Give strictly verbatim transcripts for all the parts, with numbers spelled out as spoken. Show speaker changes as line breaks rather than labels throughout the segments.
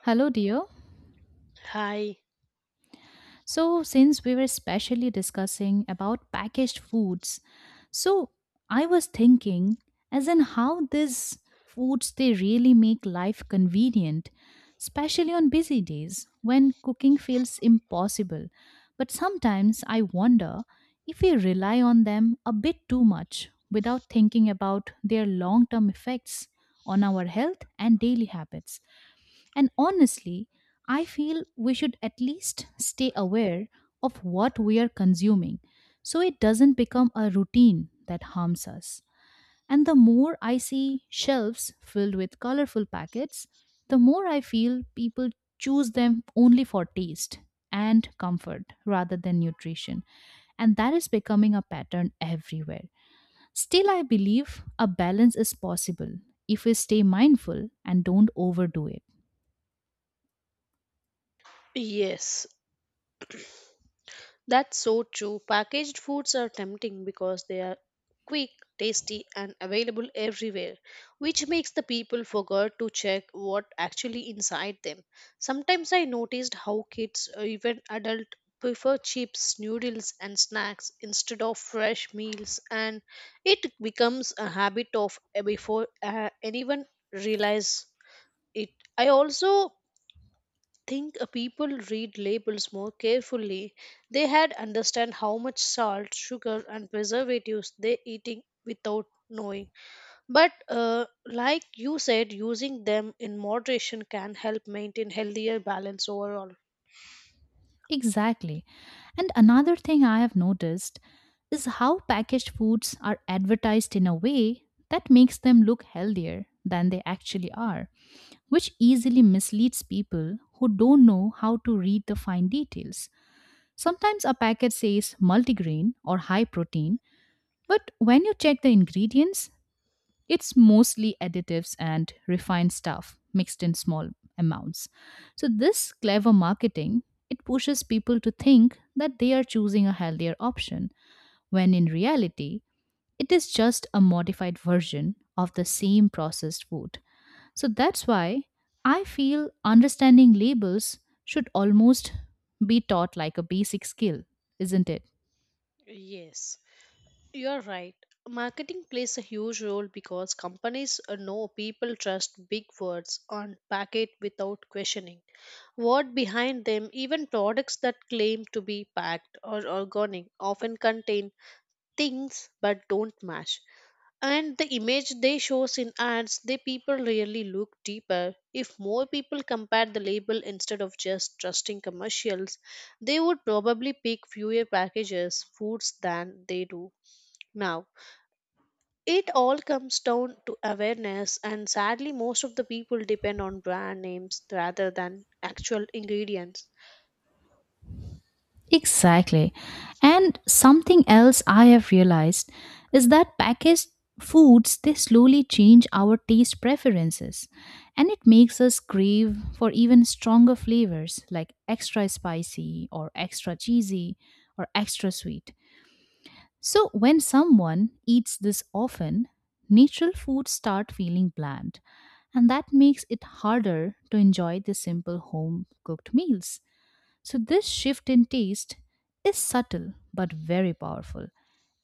Hello, dear.
Hi.
So, since we were specially discussing about packaged foods, so I was thinking as in how these foods they really make life convenient, especially on busy days when cooking feels impossible. But sometimes I wonder if we rely on them a bit too much without thinking about their long-term effects on our health and daily habits. And honestly, I feel we should at least stay aware of what we are consuming so it doesn't become a routine that harms us. And the more I see shelves filled with colorful packets, the more I feel people choose them only for taste and comfort rather than nutrition. And that is becoming a pattern everywhere. Still, I believe a balance is possible if we stay mindful and don't overdo it.
Yes, that's so true. Packaged foods are tempting because they are quick, tasty, and available everywhere, which makes the people forget to check what actually inside them. Sometimes I noticed how kids, or even adult, prefer chips, noodles, and snacks instead of fresh meals, and it becomes a habit of eh, before uh, anyone realize it. I also think uh, people read labels more carefully, they had understand how much salt, sugar, and preservatives they eating without knowing. But uh, like you said, using them in moderation can help maintain healthier balance overall.
Exactly. And another thing I have noticed is how packaged foods are advertised in a way that makes them look healthier than they actually are, which easily misleads people who don't know how to read the fine details. Sometimes a packet says multigrain or high protein, but when you check the ingredients, it's mostly additives and refined stuff mixed in small amounts. So this clever marketing, it pushes people to think that they are choosing a healthier option when in reality it is just a modified version of the same processed food. So that's why I feel understanding labels should almost be taught like a basic skill, isn't it?
Yes. You're right. Marketing plays a huge role because companies uh, know people trust big words on packet without questioning. What behind them, even products that claim to be packed or organic often contain things but don't match. And the image they shows in ads, they people really look deeper. If more people compared the label instead of just trusting commercials, they would probably pick fewer packages foods than they do now. It all comes down to awareness, and sadly, most of the people depend on brand names rather than actual ingredients.
Exactly. And something else I have realized is that packaged foods they slowly change our taste preferences and it makes us crave for even stronger flavors like extra spicy or extra cheesy or extra sweet. So when someone eats this often, natural foods start feeling bland and that makes it harder to enjoy the simple home cooked meals. So, this shift in taste is subtle but very powerful,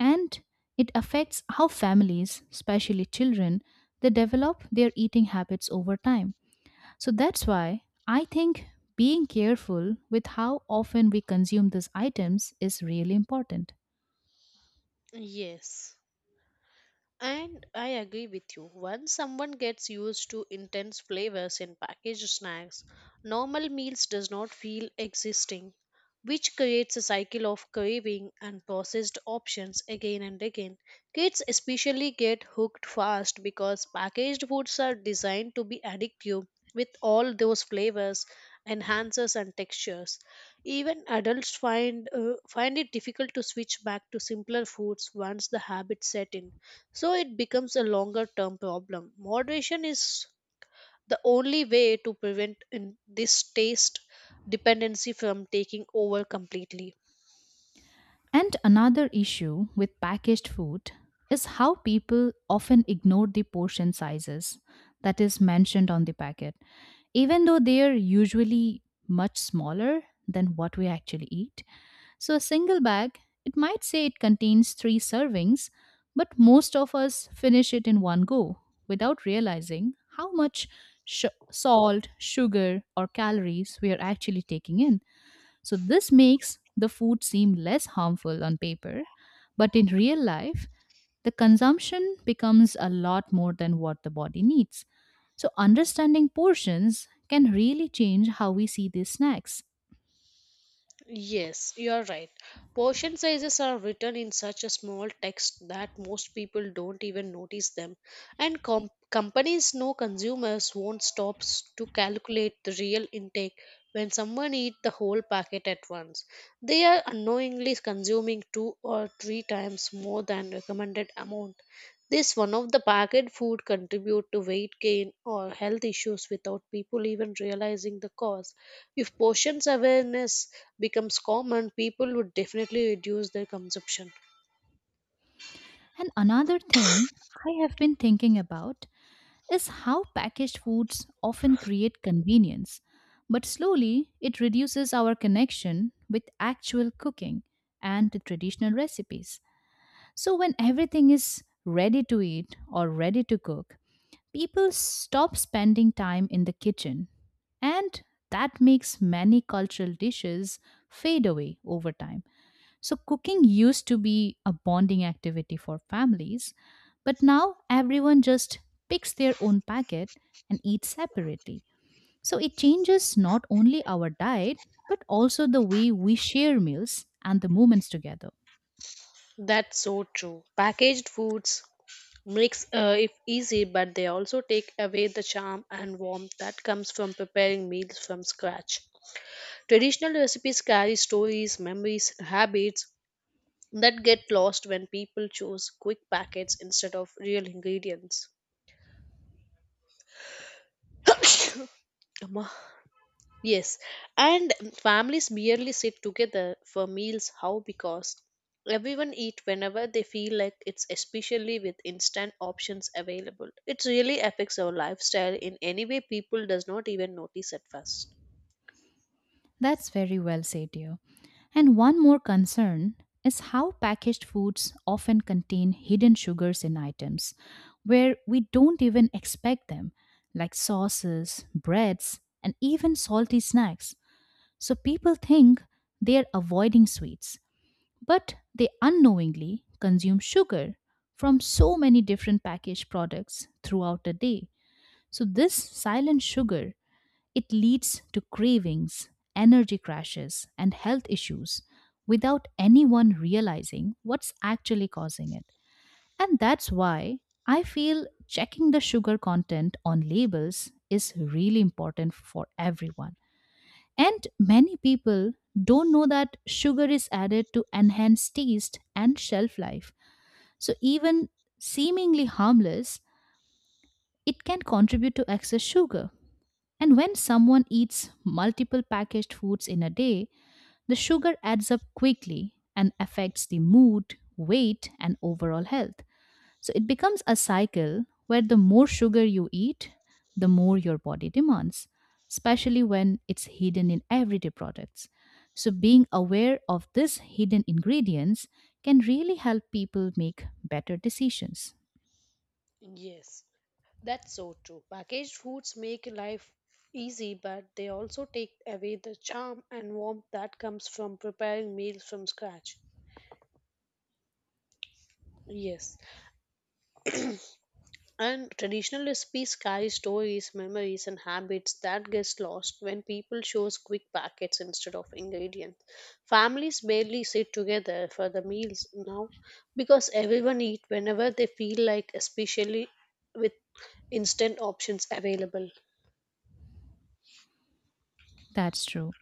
and it affects how families, especially children, they develop their eating habits over time. So, that's why I think being careful with how often we consume these items is really important.
Yes. And I agree with you. Once someone gets used to intense flavors in packaged snacks, normal meals does not feel existing, which creates a cycle of craving and processed options again and again. Kids especially get hooked fast because packaged foods are designed to be addictive with all those flavors, enhancers and textures. Even adults find uh, find it difficult to switch back to simpler foods once the habit set in so it becomes a longer term problem. Moderation is the only way to prevent in this taste dependency from taking over completely.
And another issue with packaged food is how people often ignore the portion sizes that is mentioned on the packet, even though they are usually much smaller than what we actually eat. So, a single bag, it might say it contains three servings, but most of us finish it in one go without realizing how much sh- salt, sugar, or calories we are actually taking in. So, this makes the food seem less harmful on paper, but in real life, the consumption becomes a lot more than what the body needs. So, understanding portions can really change how we see these snacks.
Yes, you're right. Portion sizes are written in such a small text that most people don't even notice them, and com- companies know consumers won't stop s- to calculate the real intake when someone eats the whole packet at once. They are unknowingly consuming two or three times more than recommended amount. This one of the packet food contribute to weight gain or health issues without people even realizing the cause. If portions awareness becomes common, people would definitely reduce their consumption.
And another thing I have been thinking about is how packaged foods often create convenience, but slowly it reduces our connection with actual cooking and the traditional recipes. So, when everything is ready to eat or ready to cook, people stop spending time in the kitchen. And that makes many cultural dishes fade away over time. So, cooking used to be a bonding activity for families, but now everyone just picks their own packet and eats separately. So, it changes not only our diet, but also the way we share meals and the moments together.
That's so true. Packaged foods makes uh, it easy, but they also take away the charm and warmth that comes from preparing meals from scratch. Traditional recipes carry stories, memories, and habits that get lost when people choose quick packets instead of real ingredients. Yes, and families merely sit together for meals. How? Because everyone eat whenever they feel like it's especially with instant options available. It really affects our lifestyle in any way people does not even notice at first.
That's very well said, dear. And one more concern is how packaged foods often contain hidden sugars in items where we don't even expect them, like sauces, breads, and even salty snacks. So people think they are avoiding sweets, but they unknowingly consume sugar from so many different packaged products throughout the day. So, this silent sugar it leads to cravings, energy crashes, and health issues without anyone realizing what's actually causing it. And that's why I feel checking the sugar content on labels is really important for everyone. And many people don't know that sugar is added to enhance taste and shelf life. So even seemingly harmless, it can contribute to excess sugar. And when someone eats multiple packaged foods in a day, the sugar adds up quickly and affects the mood, weight, and overall health. So it becomes a cycle where the more sugar you eat, the more your body demands, especially when it's hidden in everyday products. So being aware of these hidden ingredients can really help people make better decisions.
Yes, that's so true. Packaged foods make life easy, but they also take away the charm and warmth that comes from preparing meals from scratch. Yes. And traditional recipes carry stories, memories, and habits that gets lost when people choose quick packets instead of ingredients. Families barely sit together for the meals now because everyone eat whenever they feel like, especially with instant options available.
That's true.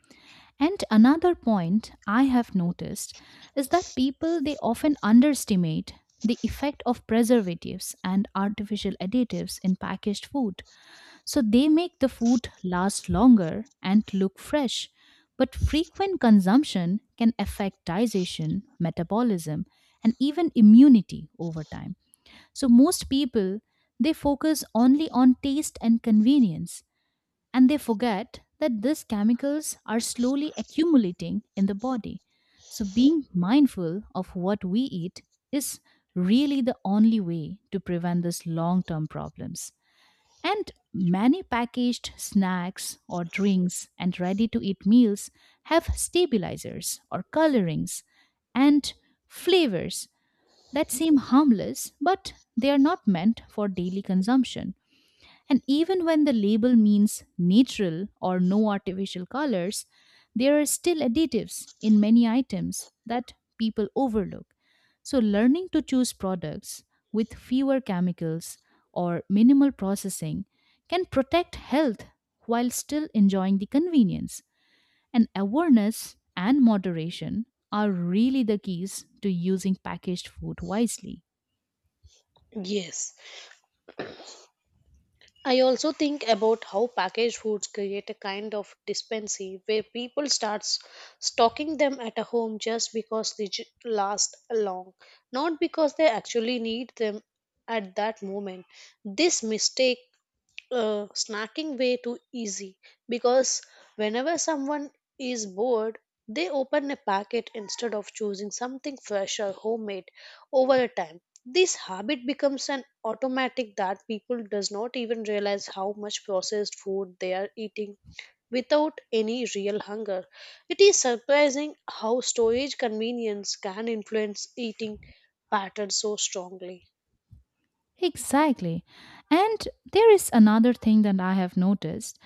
And another point I have noticed is that people they often underestimate the effect of preservatives and artificial additives in packaged food. So they make the food last longer and look fresh. But frequent consumption can affect digestion, metabolism, and even immunity over time. So most people they focus only on taste and convenience and they forget that these chemicals are slowly accumulating in the body. So, being mindful of what we eat is really the only way to prevent these long term problems. And many packaged snacks or drinks and ready to eat meals have stabilizers or colorings and flavors that seem harmless, but they are not meant for daily consumption. And even when the label means natural or no artificial colors, there are still additives in many items that people overlook. So, learning to choose products with fewer chemicals or minimal processing can protect health while still enjoying the convenience. And awareness and moderation are really the keys to using packaged food wisely.
Yes. I also think about how packaged foods create a kind of dependency where people start stocking them at a home just because they ju- last long, not because they actually need them at that moment. This mistake uh, snacking way too easy because whenever someone is bored, they open a packet instead of choosing something fresh or homemade over a time. This habit becomes an automatic that people does not even realize how much processed food they are eating without any real hunger. It is surprising how storage convenience can influence eating patterns so strongly.
Exactly. And there is another thing that I have noticed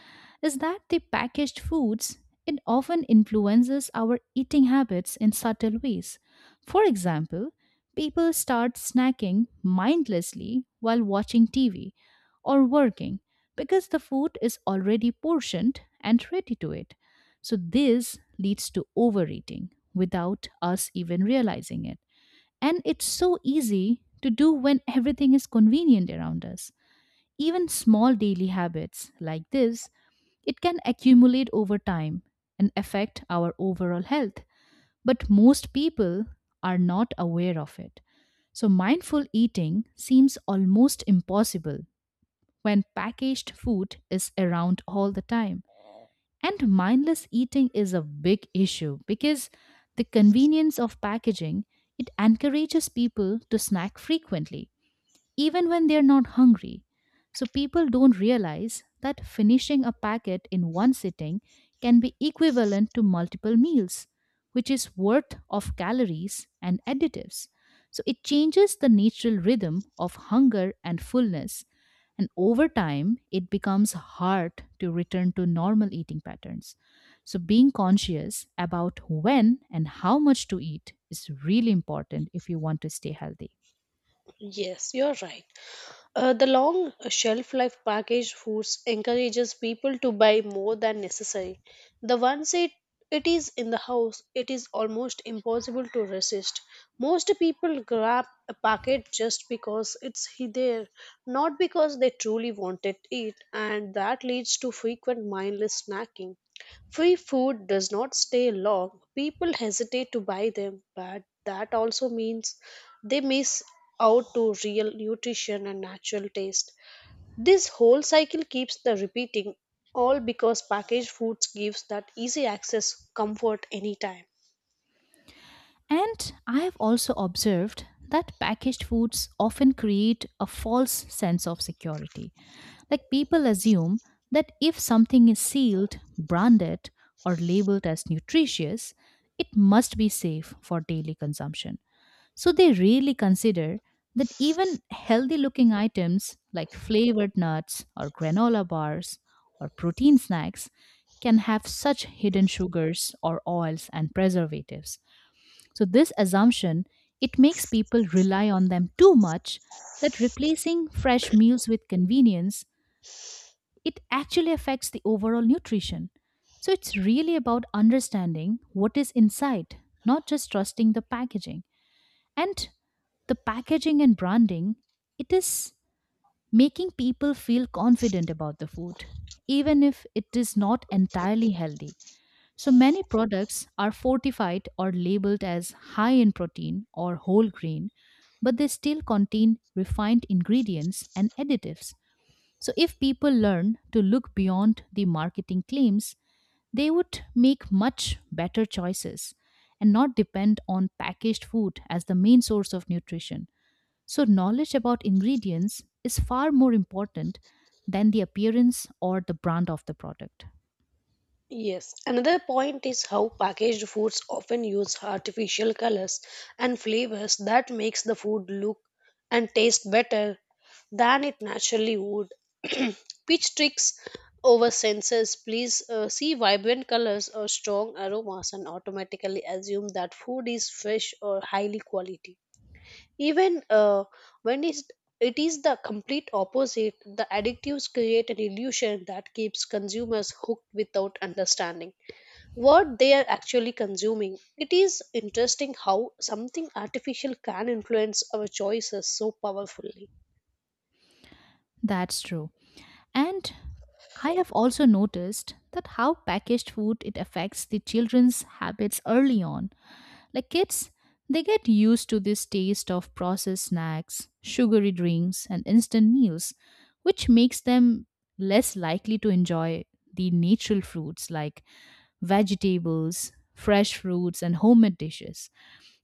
is that the packaged foods it often influences our eating habits in subtle ways. For example, people start snacking mindlessly while watching T V or working because the food is already portioned and ready to it. So this leads to overeating without us even realizing it. And it's so easy to do when everything is convenient around us. Even small daily habits like this, it can accumulate over time and affect our overall health, but most people are not aware of it. So mindful eating seems almost impossible when packaged food is around all the time. And mindless eating is a big issue because the convenience of packaging it encourages people to snack frequently even when they're not hungry. So people don't realize that finishing a packet in one sitting can be equivalent to multiple meals, which is worth of calories and additives. So it changes the natural rhythm of hunger and fullness. And over time, it becomes hard to return to normal eating patterns. So, being conscious about when and how much to eat is really important if you want to stay healthy.
Yes, you're right. Uh, the long shelf life packaged foods encourages people to buy more than necessary. The once it, it is in the house, it is almost impossible to resist. Most people grab a packet just because it's he- there, not because they truly wanted it, and that leads to frequent mindless snacking. Free food does not stay long. People hesitate to buy them, but that also means they miss out to real nutrition and natural taste. This whole cycle keeps the repeating, all because packaged foods gives that easy access comfort anytime.
And I have also observed that packaged foods often create a false sense of security. Like people assume that if something is sealed, branded, or labeled as nutritious, it must be safe for daily consumption. So they rarely consider that even healthy looking items like flavored nuts or granola bars or protein snacks can have such hidden sugars or oils and preservatives. So this assumption it makes people rely on them too much that replacing fresh meals with convenience it actually affects the overall nutrition. So it's really about understanding what is inside, not just trusting the packaging. And the packaging and branding it is making people feel confident about the food even if it is not entirely healthy. So many products are fortified or labeled as high in protein or whole grain, but they still contain refined ingredients and additives. So if people learn to look beyond the marketing claims, they would make much better choices and not depend on packaged food as the main source of nutrition. So knowledge about ingredients is far more important than the appearance or the brand of the product.
Yes, another point is how packaged foods often use artificial colors and flavors that makes the food look and taste better than it naturally would. Pitch tricks over senses. Please uh, see vibrant colors or strong aromas and automatically assume that food is fresh or highly quality even uh, when it's, it is the complete opposite. The addictives create an illusion that keeps consumers hooked without understanding what they are actually consuming. It is interesting how something artificial can influence our choices so powerfully.
That's true. And I have also noticed that how packaged food it affects the children's habits early on. Like kids, they get used to this taste of processed snacks, sugary drinks, and instant meals, which makes them less likely to enjoy the natural fruits like vegetables, fresh fruits, and homemade dishes.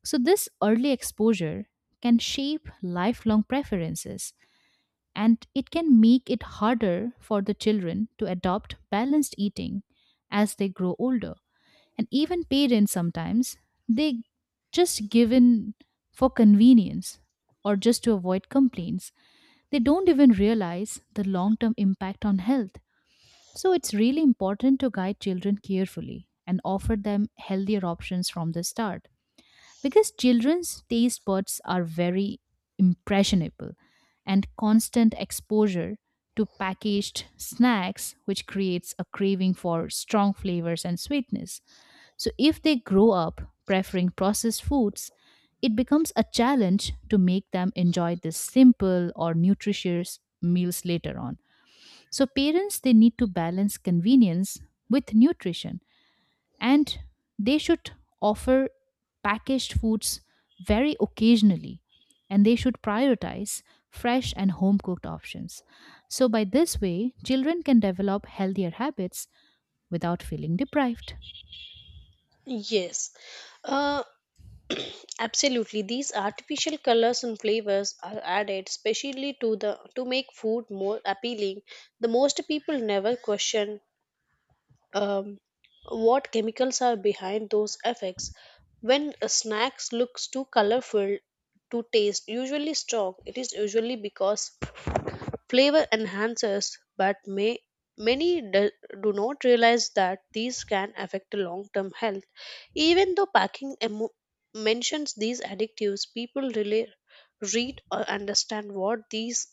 So, this early exposure can shape lifelong preferences and it can make it harder for the children to adopt balanced eating as they grow older. And even parents sometimes they just give in for convenience or just to avoid complaints. They don't even realize the long term impact on health, so it's really important to guide children carefully and offer them healthier options from the start. Because children's taste buds are very impressionable and constant exposure to packaged snacks which creates a craving for strong flavors and sweetness. So if they grow up preferring processed foods, it becomes a challenge to make them enjoy this simple or nutritious meals later on. So parents they need to balance convenience with nutrition, and they should offer packaged foods very occasionally, and they should prioritize fresh and home cooked options. So by this way children can develop healthier habits without feeling deprived.
Yes. uh, Absolutely, these artificial colors and flavors are added specially to the to make food more appealing. The most people never question um, what chemicals are behind those effects. When a snacks looks too colorful to taste, usually strong, it is usually because flavor enhancers, but may, many do, do not realize that these can affect long term health. Even though packing emo- mentions these additives, people really read or understand what these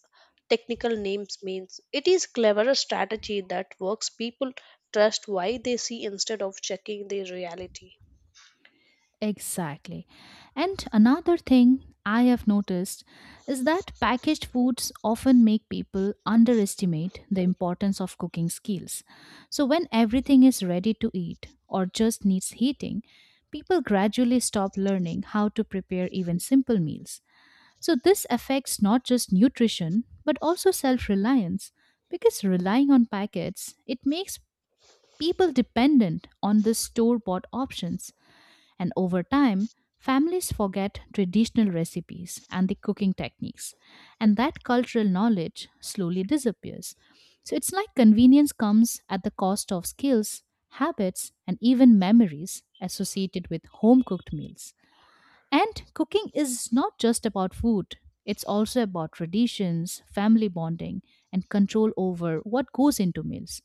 technical names means. It is cleverer strategy that works people trust why they see instead of checking the reality.
Exactly. And another thing I have noticed is that packaged foods often make people underestimate the importance of cooking skills. So, when everything is ready to eat or just needs heating, people gradually stop learning how to prepare even simple meals. So, this affects not just nutrition but also self reliance because relying on packets it makes people dependent on the store bought options and over time, families forget traditional recipes and the cooking techniques, and that cultural knowledge slowly disappears. So it's like convenience comes at the cost of skills, habits, and even memories associated with home cooked meals. And cooking is not just about food, it's also about traditions, family bonding, and control over what goes into meals.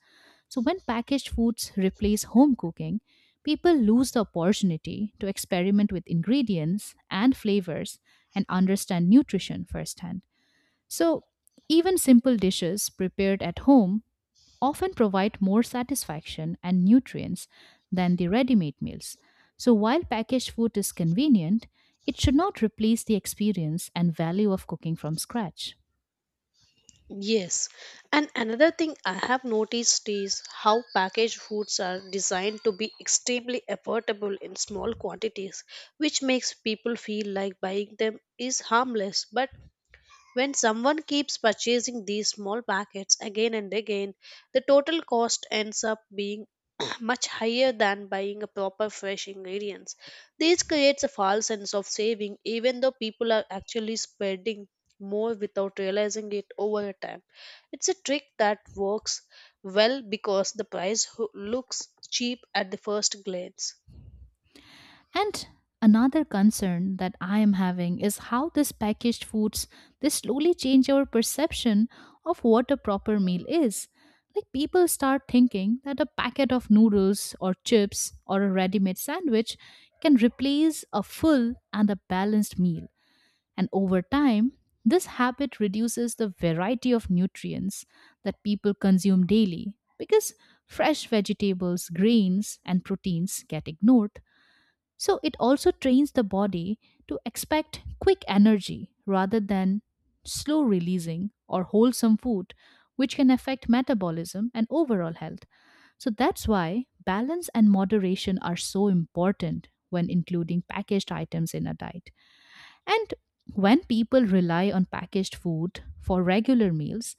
So, when packaged foods replace home cooking, people lose the opportunity to experiment with ingredients and flavors and understand nutrition firsthand. So, even simple dishes prepared at home often provide more satisfaction and nutrients than the ready made meals. So, while packaged food is convenient, it should not replace the experience and value of cooking from scratch.
Yes, and another thing I have noticed is how packaged foods are designed to be extremely affordable in small quantities, which makes people feel like buying them is harmless but when someone keeps purchasing these small packets again and again, the total cost ends up being much higher than buying a proper fresh ingredients. This creates a false sense of saving even though people are actually spending more without realizing it over a time. It's a trick that works well because the price ho- looks cheap at the first glance.
And another concern that I am having is how this packaged foods they slowly change our perception of what a proper meal is. Like people start thinking that a packet of noodles or chips or a ready-made sandwich can replace a full and a balanced meal. And over time, this habit reduces the variety of nutrients that people consume daily because fresh vegetables, grains, and proteins get ignored. So it also trains the body to expect quick energy rather than slow releasing or wholesome food, which can affect metabolism and overall health. So that's why balance and moderation are so important when including packaged items in a diet. And when people rely on packaged food for regular meals,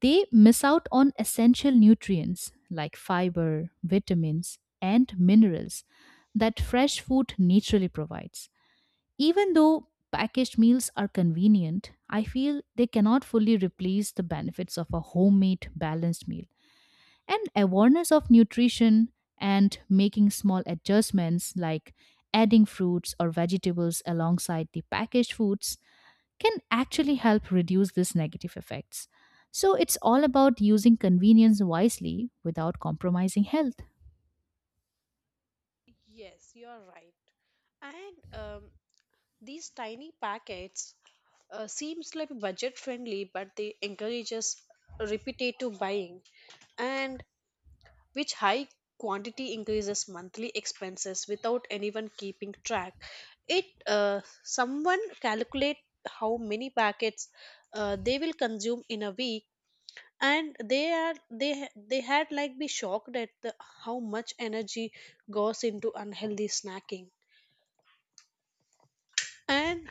they miss out on essential nutrients like fiber, vitamins, and minerals that fresh food naturally provides. Even though packaged meals are convenient, I feel they cannot fully replace the benefits of a homemade balanced meal. And awareness of nutrition and making small adjustments like adding fruits or vegetables alongside the packaged foods can actually help reduce these negative effects. So it's all about using convenience wisely without compromising health.
Yes, you're right. And um, these tiny packets uh, seems like budget friendly, but they encourages repetitive buying and which high quantity increases monthly expenses without anyone keeping track. It uh, someone calculate how many packets uh, they will consume in a week and they are they ha- they had like be shocked at the how much energy goes into unhealthy snacking, and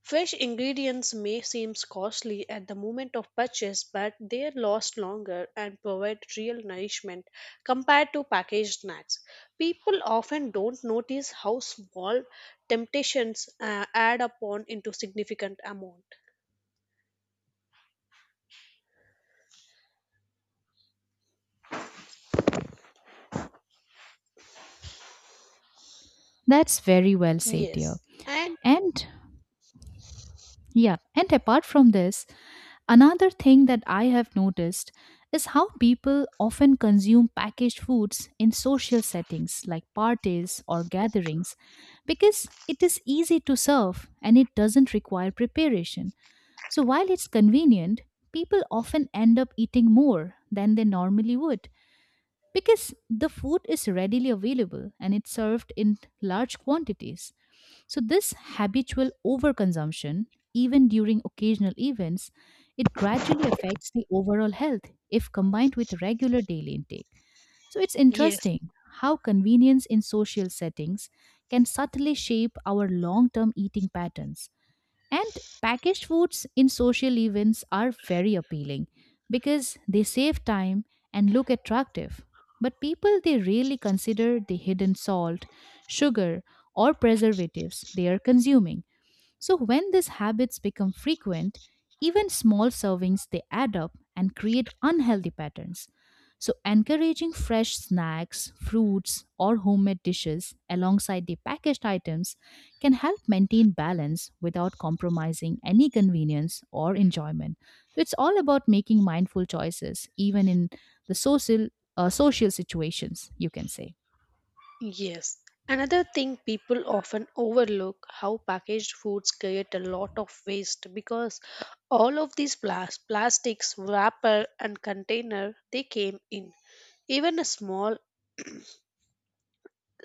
fresh ingredients may seem costly at the moment of purchase, but they last longer and provide real nourishment compared to packaged snacks. People often don't notice how small temptations uh, add up on into significant amount.
That's very well said, dear.
Yes, and
And yeah, and apart from this, another thing that I have noticed is how people often consume packaged foods in social settings like parties or gatherings because it is easy to serve and it doesn't require preparation. So while it's convenient, people often end up eating more than they normally would because the food is readily available and it's served in large quantities. So this habitual overconsumption, even during occasional events, it gradually affects the overall health if combined with regular daily intake. So it's
yes.
interesting how convenience in social settings can subtly shape our long-term eating patterns. And packaged foods in social events are very appealing because they save time and look attractive. But people they rarely consider the hidden salt, sugar, or preservatives they are consuming. So when these habits become frequent, even small servings they add up and create unhealthy patterns. So encouraging fresh snacks, fruits or homemade dishes alongside the packaged items can help maintain balance without compromising any convenience or enjoyment. So it's all about making mindful choices even in the social uh, social situations, you can say.
Yes. Another thing people often overlook how packaged foods create a lot of waste because all of these plas- plastics wrapper and container they came in. Even a small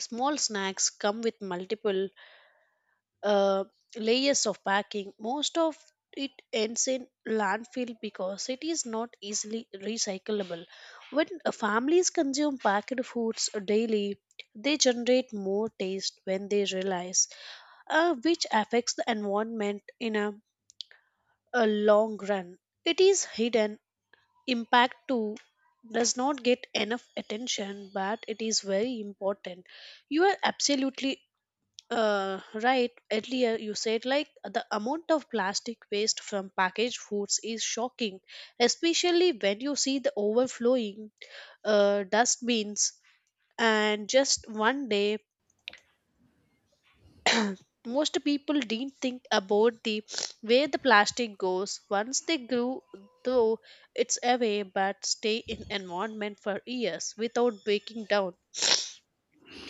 small snacks come with multiple uh, layers of packing. Most of it ends in landfill because it is not easily recyclable. When uh, families consume packed foods daily, they generate more taste when they realize, uh, which affects the environment in a, a long run. It is hidden. Impact too does not get enough attention, but it is very important. You are absolutely uh, right. Earlier, you said like the amount of plastic waste from packaged foods is shocking, especially when you see the overflowing uh, dustbins. And just one day, most people didn't think about the where the plastic goes. Once they grew, though, it's away but stay in environment for years without breaking down.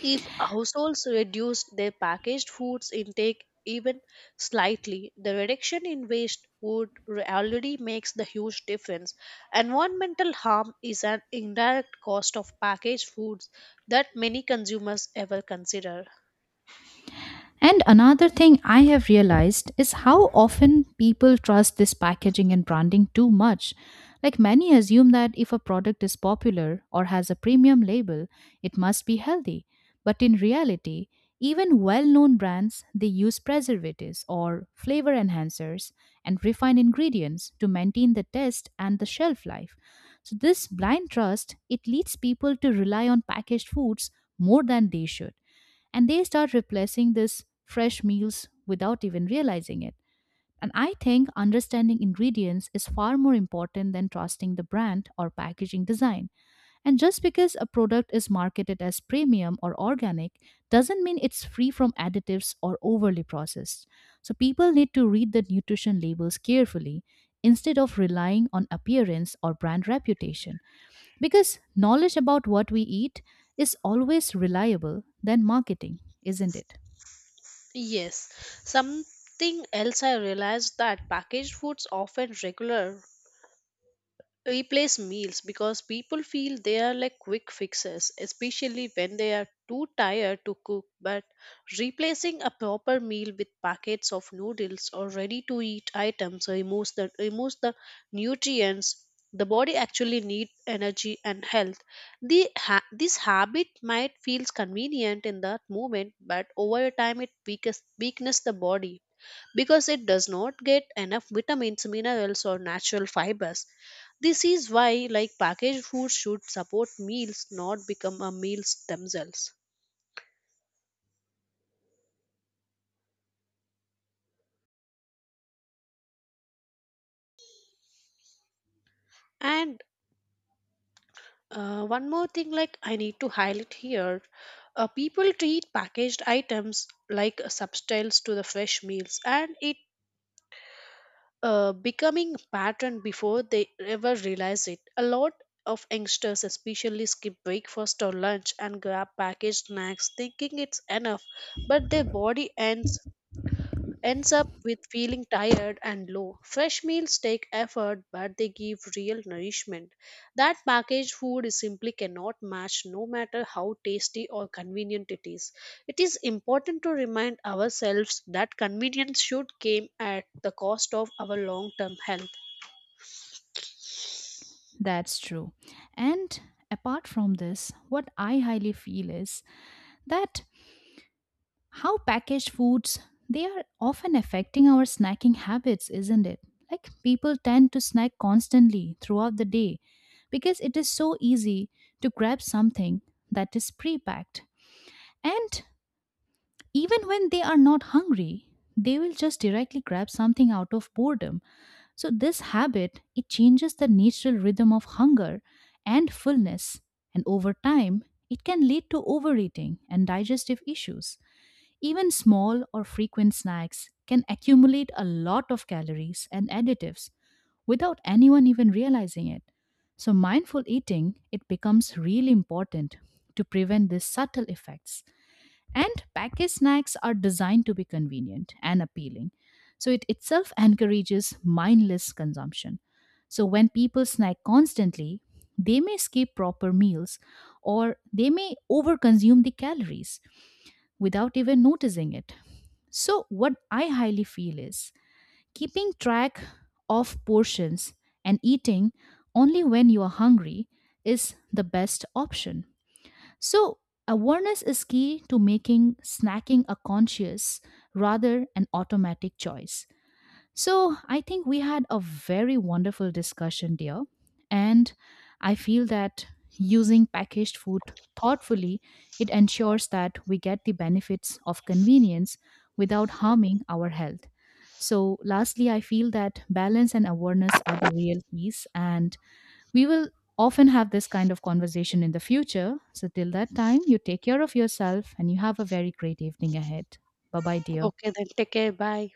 If households reduce their packaged foods intake even slightly, the reduction in waste would re- already makes the huge difference. Environmental harm is an indirect cost of packaged foods that many consumers ever consider.
And another thing I have realized is how often people trust this packaging and branding too much. Like many assume that if a product is popular or has a premium label, it must be healthy. But in reality, even well-known brands they use preservatives or flavor enhancers and refined ingredients to maintain the taste and the shelf life. So this blind trust it leads people to rely on packaged foods more than they should and they start replacing this fresh meals without even realizing it. And I think understanding ingredients is far more important than trusting the brand or packaging design. And just because a product is marketed as premium or organic doesn't mean it's free from additives or overly processed. So people need to read the nutrition labels carefully instead of relying on appearance or brand reputation. Because knowledge about what we eat is always reliable than marketing, isn't it?
Yes, something else I realized that packaged foods often regular replace meals because people feel they are like quick fixes, especially when they are too tired to cook. But replacing a proper meal with packets of noodles or ready to eat items removes the, removes the nutrients the body actually needs energy and health. The ha- this habit might feels convenient in that moment but over time it weakens weakness the body because it does not get enough vitamins, minerals, or natural fibers. This is why, like packaged foods should support meals, not become a meals themselves. And uh, one more thing, like I need to highlight here, uh, people treat packaged items like substitutes to the fresh meals, and it uh, becoming a pattern before they ever realize it. A lot of youngsters especially skip breakfast or lunch and grab packaged snacks thinking it's enough, but their body ends ends up with feeling tired and low. Fresh meals take effort, but they give real nourishment. That packaged food is simply cannot match, no matter how tasty or convenient it is. It is important to remind ourselves that convenience should come at the cost of our long term health.
That's true. And apart from this, what I highly feel is that how packaged foods they are often affecting our snacking habits, isn't it? Like people tend to snack constantly throughout the day because it is so easy to grab something that is pre-packed. And even when they are not hungry, they will just directly grab something out of boredom. So this habit, it changes the natural rhythm of hunger and fullness. And over time, it can lead to overeating and digestive issues. Even small or frequent snacks can accumulate a lot of calories and additives without anyone even realizing it. So mindful eating, it becomes really important to prevent these subtle effects and packaged snacks are designed to be convenient and appealing. So it itself encourages mindless consumption. So when people snack constantly, they may skip proper meals or they may overconsume the calories without even noticing it. So what I highly feel is keeping track of portions and eating only when you are hungry is the best option. So, awareness is key to making snacking a conscious rather an automatic choice. So, I think we had a very wonderful discussion, dear. And I feel that using packaged food thoughtfully, it ensures that we get the benefits of convenience without harming our health. So, lastly, I feel that balance and awareness are the real keys, and we will often have this kind of conversation in the future. So, till that time, you take care of yourself and you have a very great evening ahead. Bye bye, dear.
Okay, then take care. Bye.